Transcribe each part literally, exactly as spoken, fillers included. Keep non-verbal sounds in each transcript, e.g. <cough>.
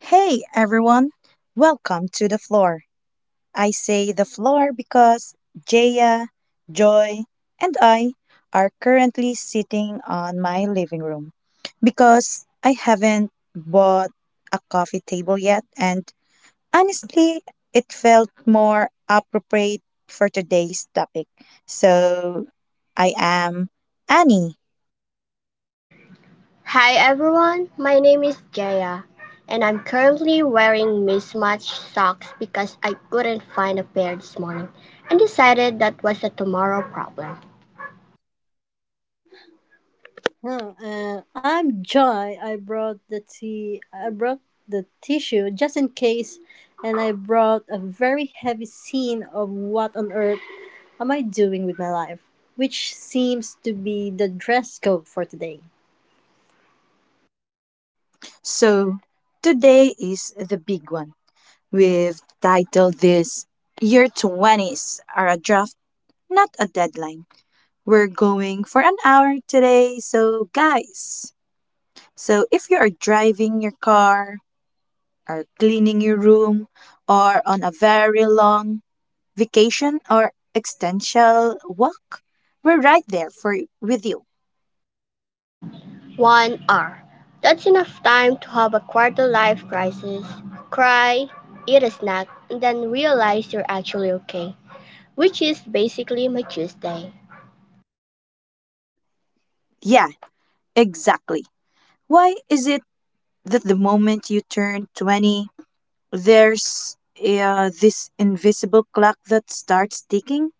Hey everyone, welcome to the floor. I say the floor because Jaya, Joy, and I are currently sitting on my living room because I haven't bought a coffee table yet, and honestly, it felt more appropriate for today's topic. So I am Annie. Hi everyone, my name is Jaya, and I'm currently wearing mismatched socks because I couldn't find a pair this morning and decided that was a tomorrow problem. Well, uh, I'm Joy. I brought the tea. I brought the tissue just in case, and I brought a very heavy scene of what on earth am I doing with my life, which seems to be the dress code for today. So today is the big one. We've titled this "Your twenties are a draft, not a deadline." We're going for an hour today, so guys. So if you are driving your car, are cleaning your room, or on a very long vacation or existential walk, we're right there for with you. one hour. That's enough time to have a quarter life crisis, cry, eat a snack, and then realize you're actually okay, which is basically my Tuesday. Yeah, exactly. Why is it that the moment you turn twenty, there's uh, this invisible clock that starts ticking?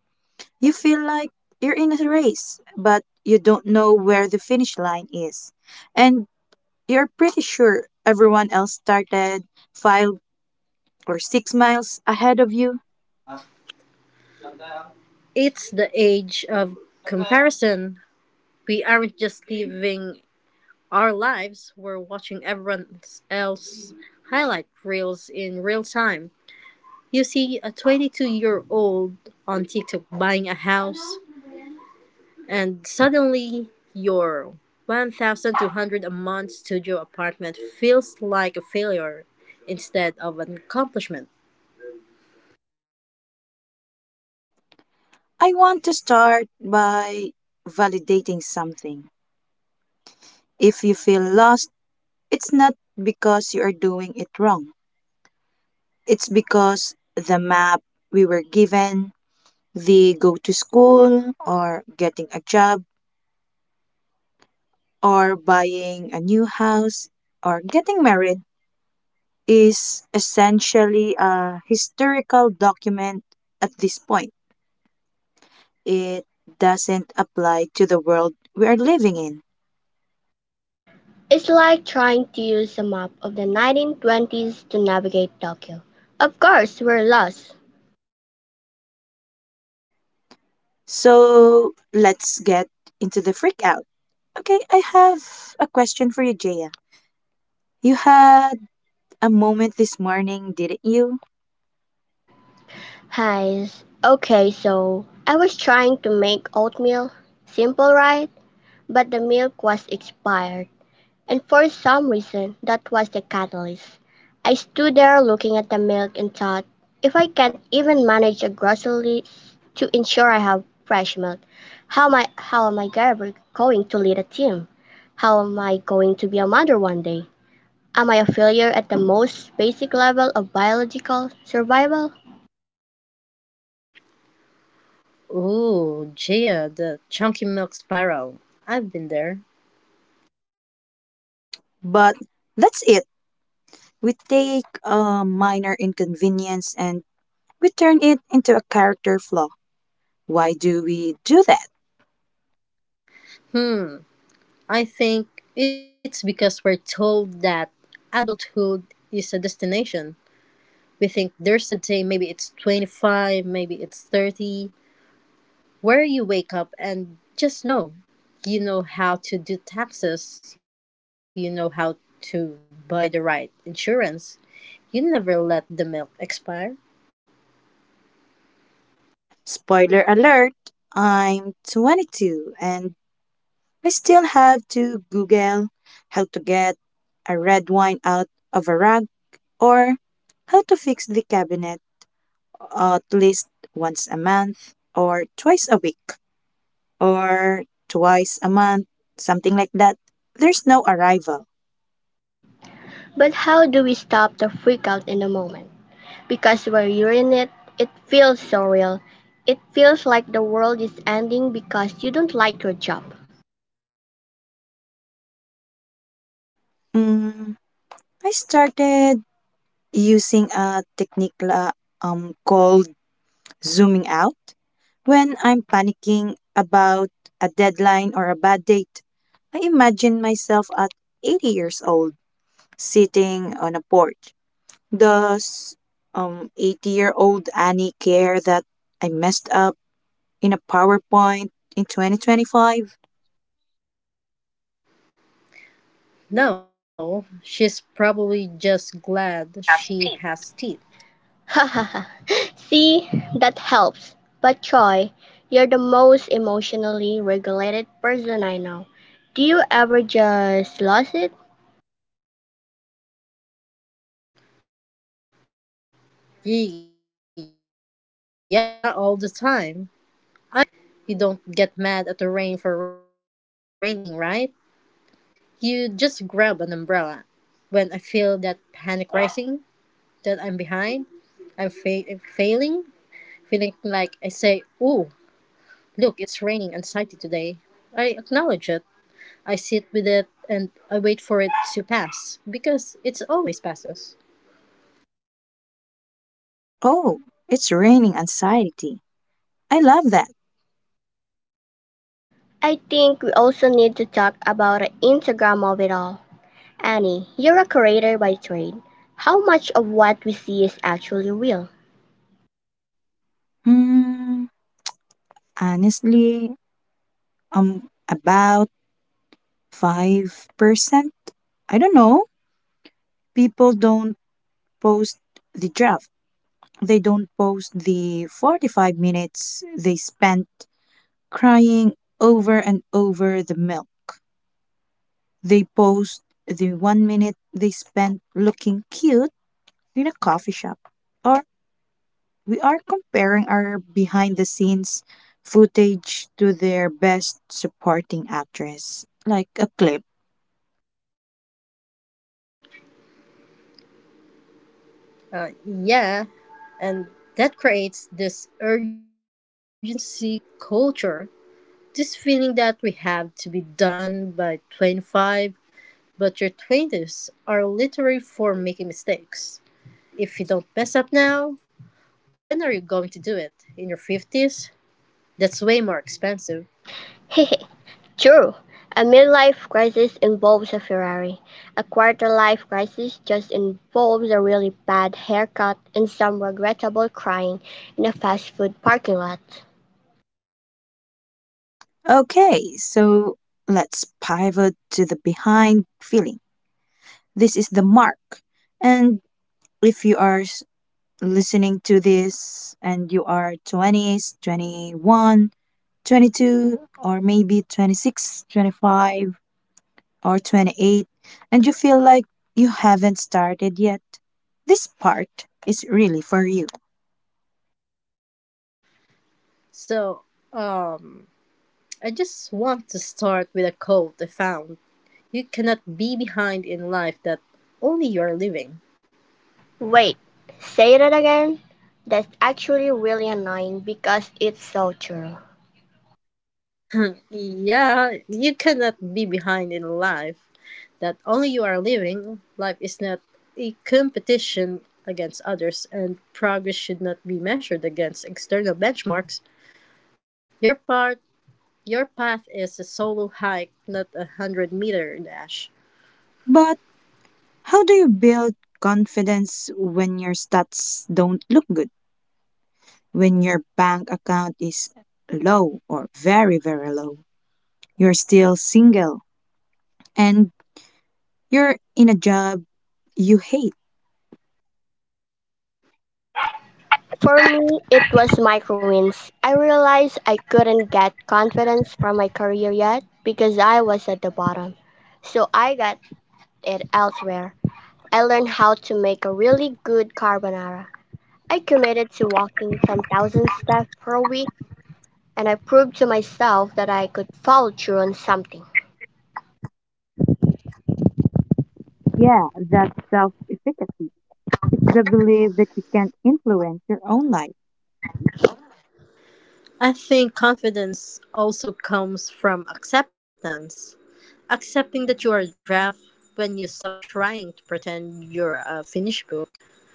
You feel like you're in a race, but you don't know where the finish line is. And you're pretty sure everyone else started five or six miles ahead of you. It's the age of comparison. We aren't just living our lives; we're watching everyone else highlight reels in real time. You see a twenty-two year old on TikTok buying a house, and suddenly your one thousand two hundred a month studio apartment feels like a failure instead of an accomplishment. I want to start by validating something. If you feel lost, it's not because you are doing it wrong, it's because the map we were given. They go to school or getting a job or buying a new house or getting married is essentially a historical document at this point. It doesn't apply to the world we are living in. It's like trying to use a map of the nineteen twenties to navigate Tokyo. Of course, we're lost. So let's get into the freak out. Okay, I have a question for you, Jaya. You had a moment this morning, didn't you? Hi. Okay, so I was trying to make oatmeal. Simple, right? But the milk was expired. And for some reason, that was the catalyst. I stood there looking at the milk and thought, if I can't even manage a grocery to ensure I have fresh milk, how am I, how am I ever going to lead a team? How am I going to be a mother one day? Am I a failure at the most basic level of biological survival? Ooh, Gia, the chunky milk spiral. I've been there. But that's it. We take a minor inconvenience and we turn it into a character flaw. Why do we do that? Hmm, I think it's because we're told that adulthood is a destination. We think there's a day, maybe it's twenty-five, maybe it's thirty, where you wake up and just know you know how to do taxes, you know how to buy the right insurance. You never let the milk expire. Spoiler alert, I'm twenty-two and I still have to Google how to get a red wine out of a rug or how to fix the cabinet at least once a month or twice a week or twice a month, something like that. There's no arrival. But how do we stop the freakout in the moment? Because we're hearing it, it feels so real. It feels like the world is ending because you don't like your job. Mm, I started using a technique la, um, called zooming out. When I'm panicking about a deadline or a bad date, I imagine myself at eighty years old sitting on a porch. Does um eighty year old Annie care that I messed up in a PowerPoint in twenty twenty-five? No, she's probably just She glad has she teeth. has teeth. Hahaha. <laughs> See, that helps. But Choi, you're the most emotionally regulated person I know. Do you ever just lose it? Y- Yeah, all the time. I've learned to treat my freakouts like weather. You don't get mad at the rain for raining, right? You just grab an umbrella. When I feel that panic rising, that I'm behind, I'm, fa- I'm failing, feeling like I say, "Ooh, look, it's raining anxiety today." I acknowledge it. I sit with it and I wait for it to pass because it always passes. Oh, it's raining anxiety. I love that. I think we also need to talk about the Instagram of it all. Annie, you're a creator by trade. How much of what we see is actually real? Hmm, honestly, um, about five percent? I don't know. People don't post the draft. They don't post the forty-five minutes they spent crying over and over the milk. They post the one minute they spent looking cute in a coffee shop. Or we are comparing our behind the scenes footage to their best supporting actress, like a clip. Uh, yeah, and that creates this urgency culture, this feeling that we have to be done by twenty-five, but your twenties are literally for making mistakes. If you don't mess up now, when are you going to do it? In your fifties? That's way more expensive. Hehe, <laughs> true, a midlife crisis involves a Ferrari. A quarter-life crisis just involves a really bad haircut and some regrettable crying in a fast food parking lot. Okay, so let's pivot to the behind feeling. This is the mark. And if you are s- listening to this and you are twenties, twenty-one, twenty-two, or maybe twenty six, twenty five, or twenty-eight, and you feel like you haven't started yet, this part is really for you. So, um, I just want to start with a quote I found. "You cannot be behind in life that only you are living." Wait, say that again? That's actually really annoying because it's so true. <clears throat> <laughs> Yeah, you cannot be behind in life that only you are living. Life is not a competition against others, and progress should not be measured against external benchmarks. Your part, your path is a solo hike, not a hundred meter dash. But how do you build confidence when your stats don't look good? When your bank account is low or very, very low, you're still single and you're in a job you hate. For me, it was micro wins. I realized I couldn't get confidence from my career yet because I was at the bottom. So I got it elsewhere. I learned how to make a really good carbonara. I committed to walking ten thousand steps per week and I proved to myself that I could follow through on something. Yeah, that's self efficacy. It's the belief that you can influence your own life. I think confidence also comes from acceptance. Accepting that you are a draft. When you stop trying to pretend you're a finished book,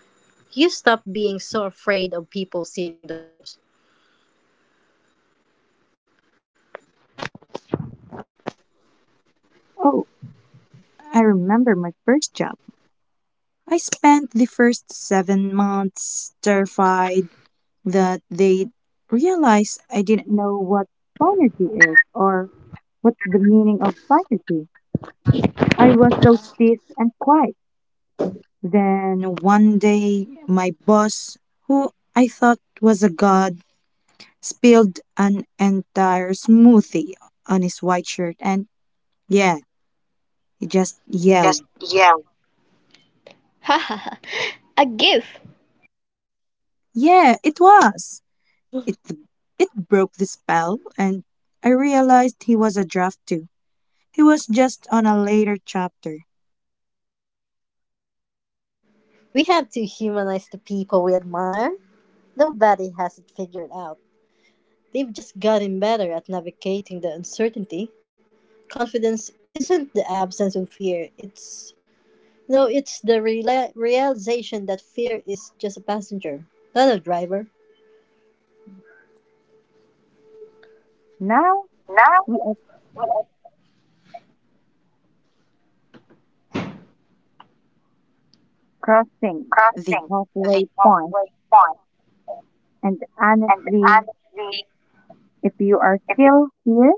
you stop being so afraid of people seeing the typos. Oh, I remember my first job. I spent the first seven months terrified that they'd realize I didn't know what synergy is or what's the meaning of synergy. I was so stiff and quiet. Then one day, my boss, who I thought was a god, spilled an entire smoothie on his white shirt, and yeah, he just You yelled. just yell. <laughs> A gift. Yeah, it was. It it broke the spell, and I realized he was a draft too. He was just on a later chapter. We have to humanize the people we admire. Nobody has it figured out. They've just gotten better at navigating the uncertainty. Confidence isn't the absence of fear. It's no, it's the rela- realization that fear is just a passenger, not a driver. Now Now we are we are crossing the crossing the halfway point, halfway point, and and honestly, honestly, if you are it's still here,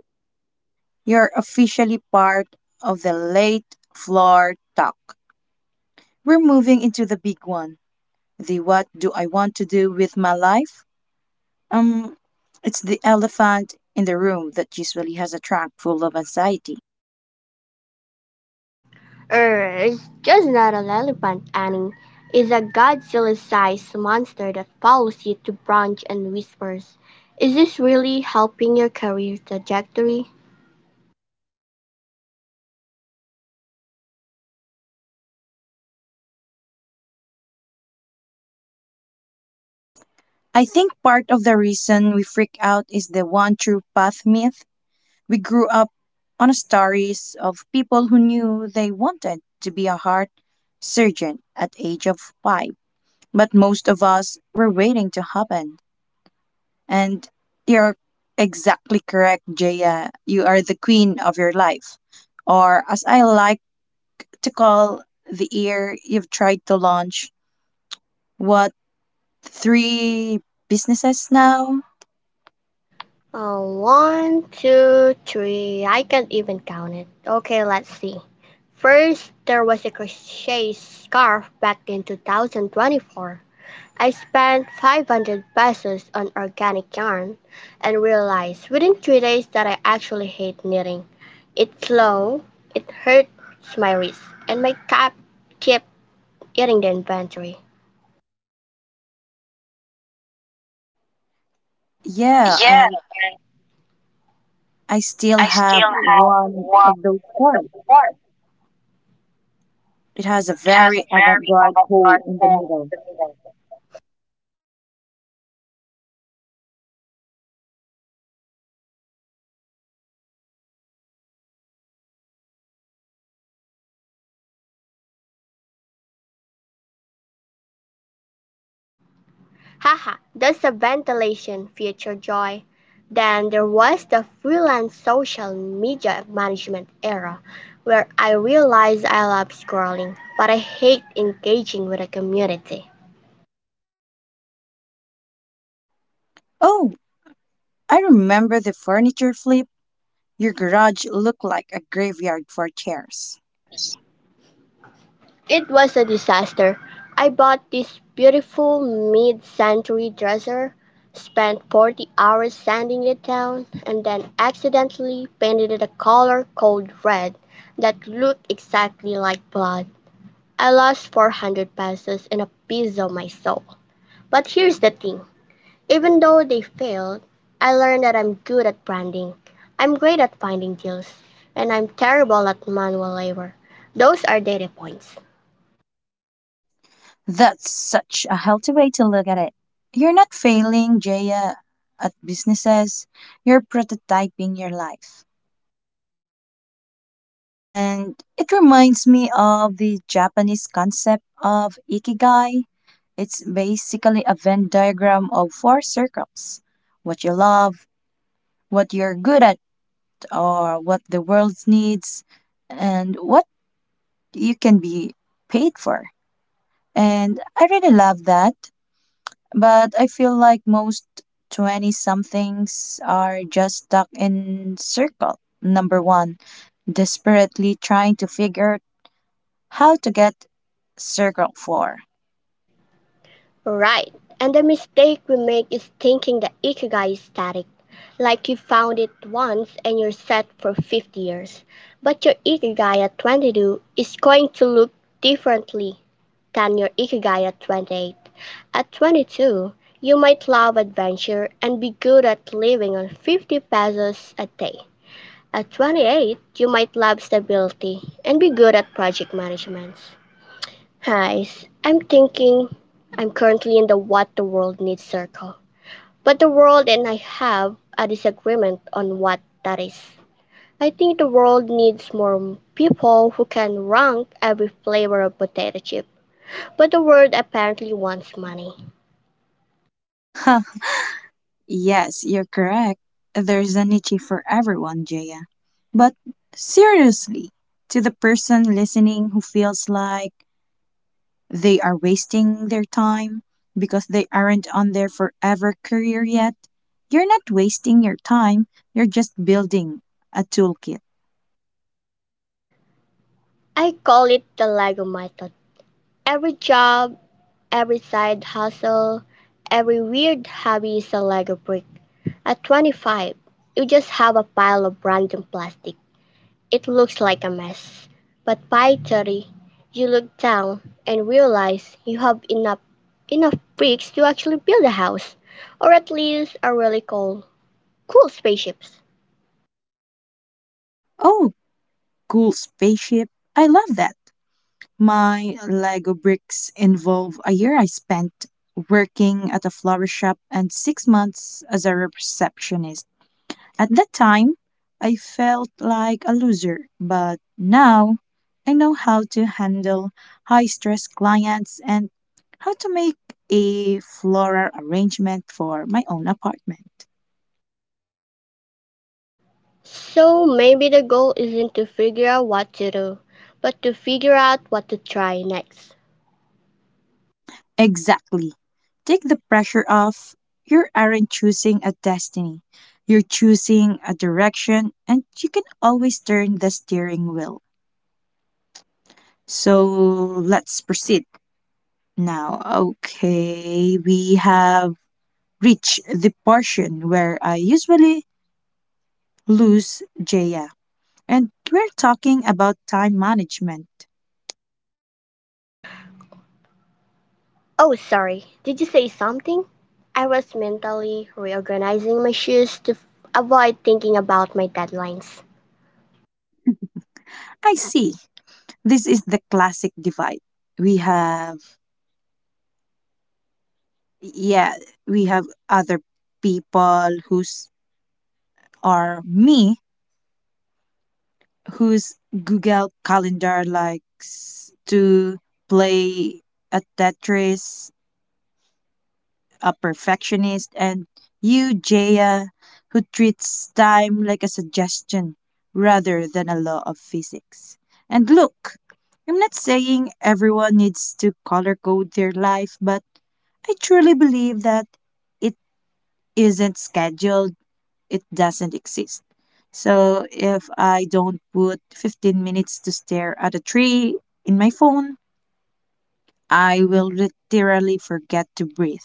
you're officially part of the late floor talk. We're moving into the big one. The what do I want to do with my life? Um, it's the elephant in the room that usually has a trunk full of anxiety. Er, it's just not an elephant, Annie. It's a Godzilla-sized monster that follows you to branch and whispers. Is this really helping your career trajectory? I think part of the reason we freak out is the one true path myth. We grew up on stories of people who knew they wanted to be a heart surgeon at age of five, but most of us were waiting to happen. And you're exactly correct, Jaya. You are the queen of your life. Or, as I like to call the year you've tried to launch, what, three businesses now? Uh, one, two, three. I can't even count it. Okay, let's see. First, there was a crochet scarf back in two thousand twenty-four. I spent five hundred pesos on organic yarn and realized within three days that I actually hate knitting. It's slow, it hurts my wrist, and my cat kept eating the inventory. Yeah, Yeah, and and I still I have still have one one of those of the forms. more. It has a It has a very avant very garde overbroad hole in the hole middle. in the middle. Haha, that's a ventilation feature joy. Then there was the freelance social media management era where I realized I love scrolling, but I hate engaging with a community. Oh, I remember the furniture flip. Your garage looked like a graveyard for chairs. Here. It was a disaster. I bought this beautiful mid century dresser, spent forty hours sanding it down, and then accidentally painted it a color called red that looked exactly like blood. I lost four hundred pesos and a piece of my soul. But here's the thing, even though they failed, I learned that I'm good at branding, I'm great at finding deals, and I'm terrible at manual labor. Those are data points. That's such a healthy way to look at it. You're not failing, Jaya, at businesses. You're prototyping your life. And it reminds me of the Japanese concept of ikigai. It's basically a Venn diagram of four circles: what you love, what you're good at, or what the world needs, and what you can be paid for. And I really love that. But I feel like most twenty somethings are just stuck in circle number one, desperately trying to figure how to get circle four. Right. And the mistake we make is thinking that Ikigai is static, like you found it once and you're set for fifty years. But your Ikigai at twenty-two is going to look differently than your Ikigai at twenty-eight. At twenty-two, you might love adventure and be good at living on fifty pesos a day. At twenty-eight, you might love stability and be good at project management. Hi, I'm thinking I'm currently in the what the world needs circle, but the world and I have a disagreement on what that is. I think the world needs more people who can rank every flavor of potato chip, but the world apparently wants money. <laughs> Yes, you're correct. There's a niche for everyone, Jaya. But seriously, to the person listening who feels like they are wasting their time because they aren't on their forever career yet, you're not wasting your time. You're just building a toolkit. I call it the Lego method. Every job, every side hustle, every weird hobby is a Lego brick. At twenty-five, you just have a pile of random plastic. It looks like a mess, but by thirty you look down and realize you have enough enough bricks to actually build a house or at least a really cool cool spaceships. Oh, cool spaceship. I love that. My Lego bricks involve a year I spent working at a flower shop and six months as a receptionist. At that time, I felt like a loser, but now I know how to handle high stress clients and how to make a floral arrangement for my own apartment. So maybe the goal isn't to figure out what to do, but to figure out what to try next. Exactly. Take the pressure off. You aren't choosing a destiny, you're choosing a direction, and you can always turn the steering wheel. So let's proceed now. Okay, we have reach the portion where I usually lose Jaya. And we're talking about time management. Oh, sorry. Did you say something? I was mentally reorganizing my shoes to avoid thinking about my deadlines. I see. This is the classic divide. We have, yeah, we have other people who's are me, whose Google Calendar likes to play at Tetris a perfectionist, and you, Jaya, who treats time like a suggestion rather than a law of physics. And look, I'm not saying everyone needs to color code their life, but I truly believe that it isn't scheduled, it doesn't exist. So if I don't put fifteen minutes to stare at a tree in my phone, I will literally forget to breathe.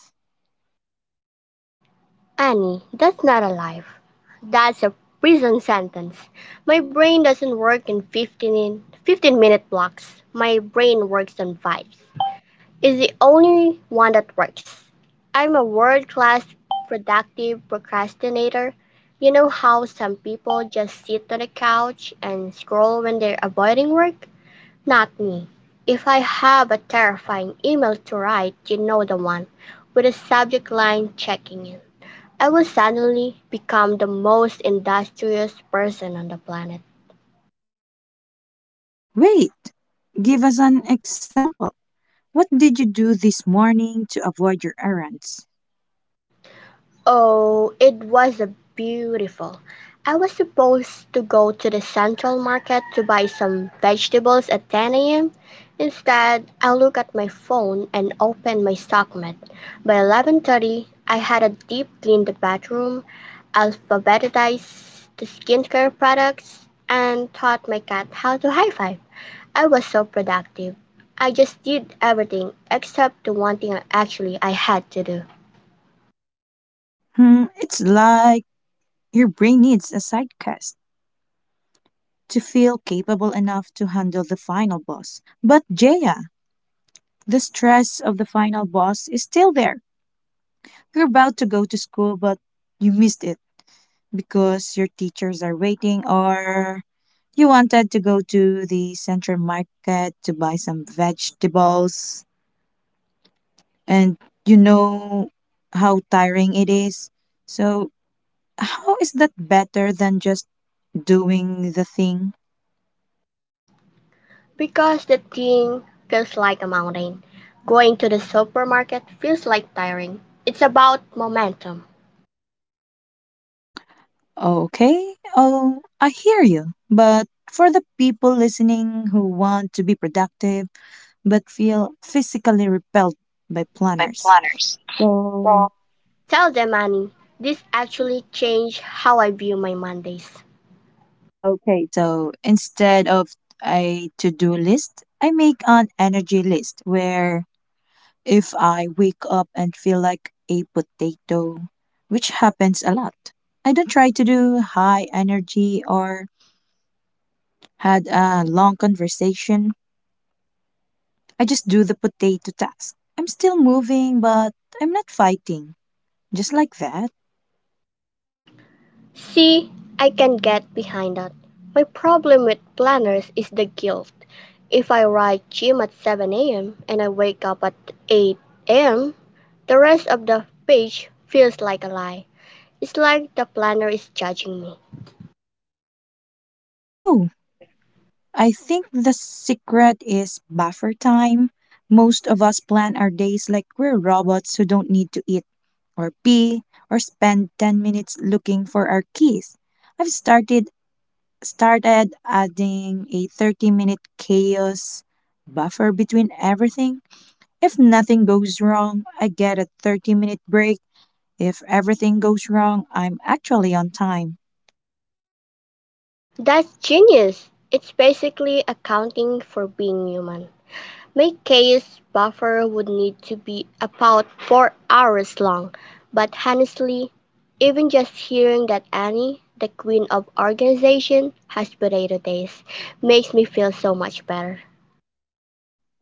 Annie, that's not a life. That's a prison sentence. My brain doesn't work in 15, in fifteen minute blocks. My brain works on vibes. It's the only one that works. I'm a world class productive procrastinator. You know how some people just sit on the couch and scroll when they're avoiding work? Not me. If I have a terrifying email to write, you know the one, with a subject line checking in. I will suddenly become the most industrious person on the planet. Wait, give us an example. What did you do this morning to avoid your errands? Oh, it was a beautiful. I was supposed to go to the central market to buy some vegetables at ten a m. Instead, I looked at my phone and opened my StockMed. By eleven thirty, I had a deep clean the bathroom, alphabetized the skincare products, and taught my cat how to high five. I was so productive. I just did everything except the one thing actually I had to do. Hmm, it's like your brain needs a sidecast to feel capable enough to handle the final boss. But Jaya, the stress of the final boss is still there. You're about to go to school, but you missed it because your teachers are waiting or you wanted to go to the central market to buy some vegetables and you know how tiring it is. So, how is that better than just doing the thing? Because the thing feels like a mountain. Going to the supermarket feels like tiring. It's about momentum. Okay, oh, I hear you. But for the people listening who want to be productive but feel physically repelled Held by by planners. planners. So, Tell them, Annie, this actually changed how I view my Mondays. okay. So, instead of a to do list, I make an energy list where if I wake up and feel like a potato, which happens a lot, I don't try to do high energy or had a long conversation. I just do the potato task. I'm still moving, but I'm not fighting. Just like that. See, I can get behind that. My problem with planners is the guilt. If I write gym at seven a m and I wake up at eight a m, the rest of the page feels like a lie. It's like the planner is judging me. Oh, Oh, I think the secret is buffer time. Most of us plan our days like we're robots who don't need to eat or pee or spend ten minutes looking for our keys. I've started started adding a thirty minute chaos buffer between everything. If nothing goes wrong, I get a thirty minute break. If everything goes wrong, I'm actually on time. that's genius. It's basically accounting for being human. My chaos buffer would need to be about four hours long, but honestly, even just hearing that Annie, the queen of organization, has potato days makes me feel so much better. <laughs>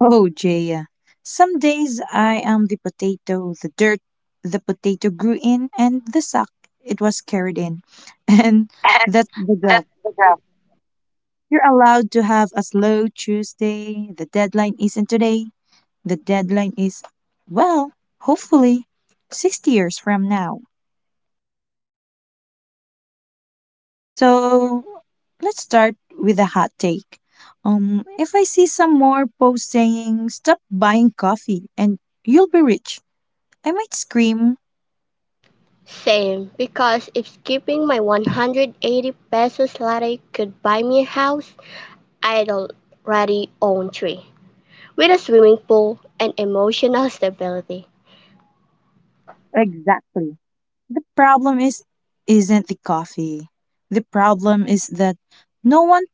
Oh, Jaya. Some days I am the potato, the dirt the potato grew in, and the sack it was carried in. <laughs> And And that's the job. that's the job. You're allowed to have a slow Tuesday. The deadline isn't today. The deadline is, well, hopefully sixty years from now. So let's start with a hot take. Um, if I see some more posts saying, "stop buying coffee and you'll be rich," I might scream. Same, because if skipping my one hundred eighty pesos latte could buy me a house, I'd already own three, with a swimming pool and emotional stability. Exactly. The problem is, isn't the coffee. The problem is that no one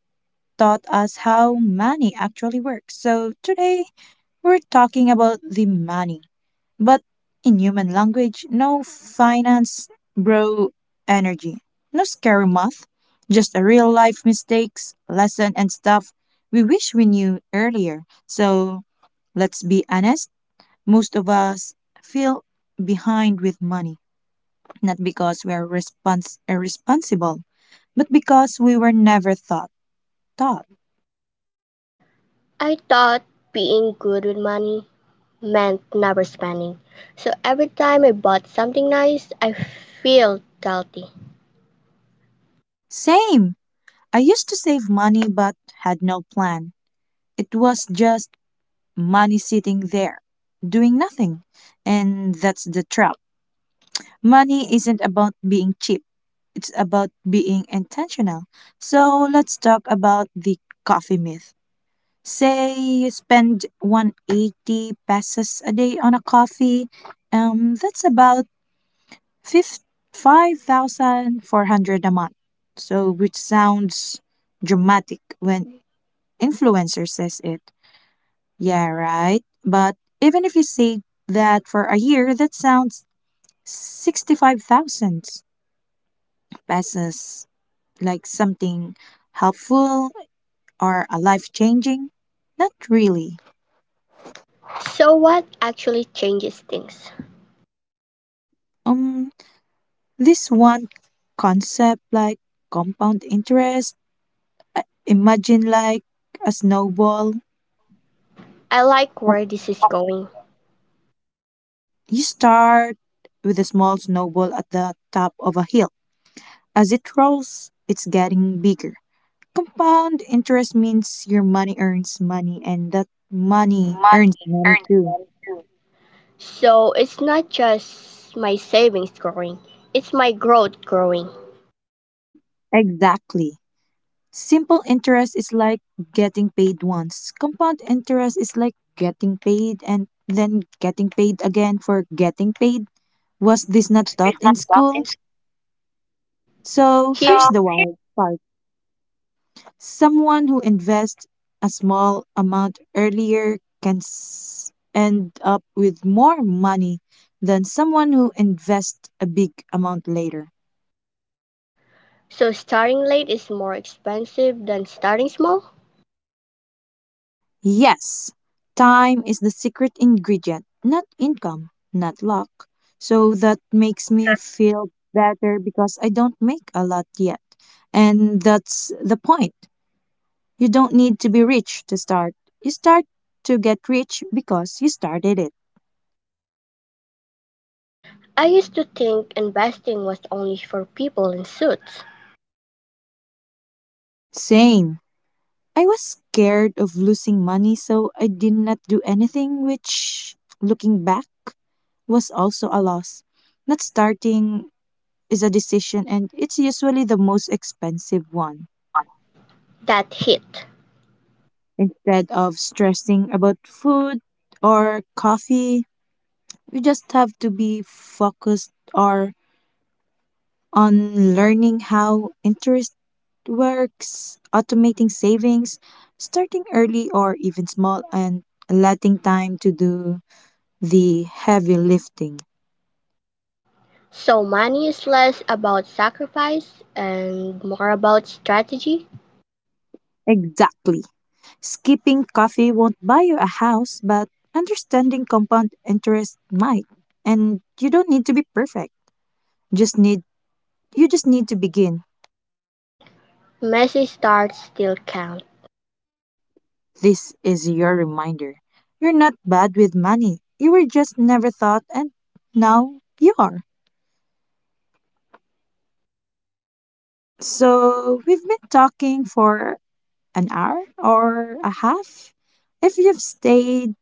taught us how money actually works. So today, we're talking about the money. But in human language, no finance bro energy. No scary math, just a real life mistakes, lesson and stuff we wish we knew earlier. So let's be honest, most of us feel behind with money, not because we are respons- irresponsible, but because we were never thought taught. I thought being good with money meant never spending. So every time I bought something nice, I feel guilty. Same. I used to save money but had no plan. It was just money sitting there, doing nothing. And that's the trap. Money isn't about being cheap, it's about being intentional. So let's talk about the coffee myth. Say you spend one hundred eighty pesos a day on a coffee, um, that's about fif- five thousand four hundred a month. So, which sounds dramatic when influencer says it. Yeah, right. But even if you say that for a year, that sounds sixty-five thousand pesos like something helpful or a life changing. Not really. So what actually changes things? Um, this one concept like compound interest, imagine like a snowball. I like where this is going. You start with a small snowball at the top of a hill. As it rolls, it's getting bigger. Compound interest means your money earns money and that And that money earns money money earns too. them too. So it's not just my savings growing, it's my growth growing. Exactly. Simple interest is like getting paid once. Compound interest is like getting paid and then getting paid again for getting paid. Was this not Was this taught in not doubt in school? So here, here's so the wild part. Someone who invests a small amount earlier can s- end up with more money than someone who invests a big amount later. so starting late is more expensive than starting small? Yes, time is the secret ingredient, not income, not luck. So that So makes that me feel better because I don't make a lot yet. And that's the point. You don't need to be rich to start. You start to get rich because you started it. I used to think investing was only for people in suits. Same. I was scared of losing money, so I did not do anything, which, looking back, was also a loss. Not starting is a decision, and it's usually the most expensive one. One? That hit. Instead of stressing about food or coffee, you just have to be focused or on learning how interest works, automating savings, starting early or even small, and letting time to do the heavy lifting. So money is less about sacrifice and more about strategy. Exactly. Skipping coffee won't buy you a house, but understanding compound interest might. And you don't need to be perfect. Just need you just need to begin. Messy starts still count. This is your reminder. You're not bad with money. You were just never thought and now you are. So, we've been talking for an hour or a half. If you've stayed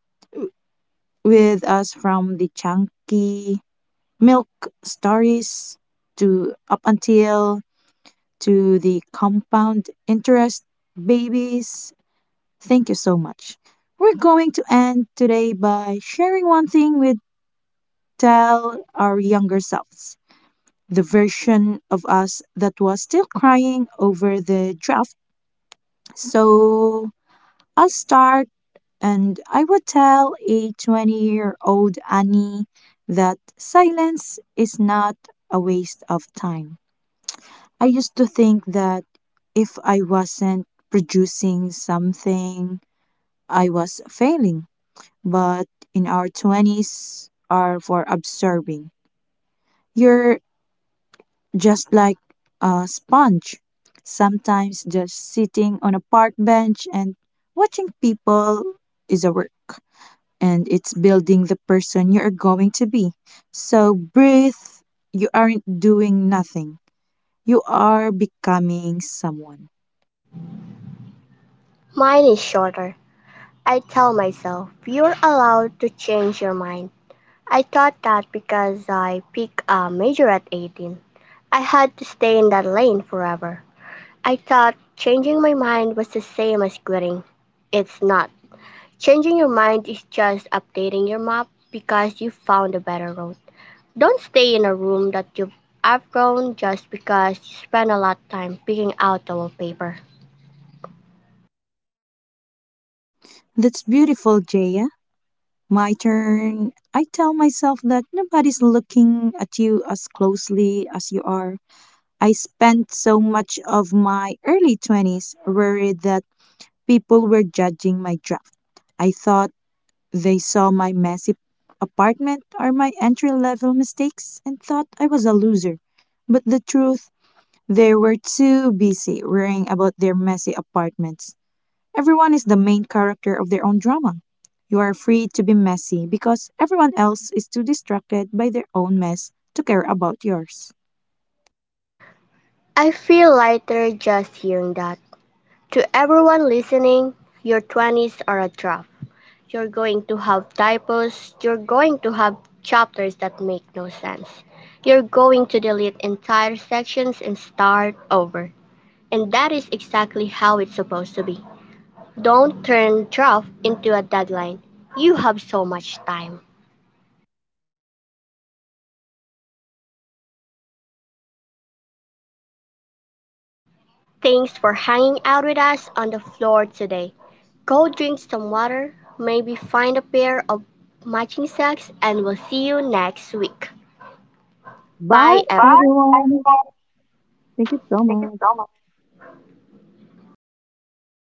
with us from the chunky milk stories to up until to the compound interest babies. Thank you so much. We're going to end today by sharing one thing we tell our younger selves. The version of us that was still crying over the draft. So I'll start and I would tell a twenty year old Annie that silence is not a waste of time. I used to think that if I wasn't producing something, I was failing. But in our twenties are for absorbing. You're just like a sponge, sometimes just sitting on a park bench and watching people is a work and it's building the person you are going to be. So breathe, you aren't doing nothing. You are becoming someone. Mine is shorter. I tell myself, you're allowed to change your mind. I thought that because I picked a major at eighteen, I had to stay in that lane forever. I thought changing my mind was the same as quitting. It's not. Changing your mind is just updating your map because you found a better road. Don't stay in a room that you've outgrown just because you spend a lot of time picking out the wallpaper. That's beautiful, Jaya. My turn. I tell myself that nobody's looking at you as closely as you are. I spent so much of my early twenties worried that people were judging my draft. I thought they saw my messy apartment or my entry level mistakes and thought I was a loser. But the truth, they were too busy worrying about their messy apartments. Everyone is the main character of their own drama. You are free to be messy because everyone else is too distracted by their own mess to care about yours. I feel lighter just hearing that. To everyone listening, your twenties are a draft. You're going to have typos, you're going to have chapters that make no sense. You're going to delete entire sections and start over. And that is exactly how it's supposed to be. Don't turn draft into a deadline. You have so much time. Thanks for hanging out with us on the floor today. Go drink some water, maybe find a pair of matching socks, and we'll see you next week. Bye, Bye, bye, everyone. Bye, everyone. everyone. Thank you so Thank you much. so much.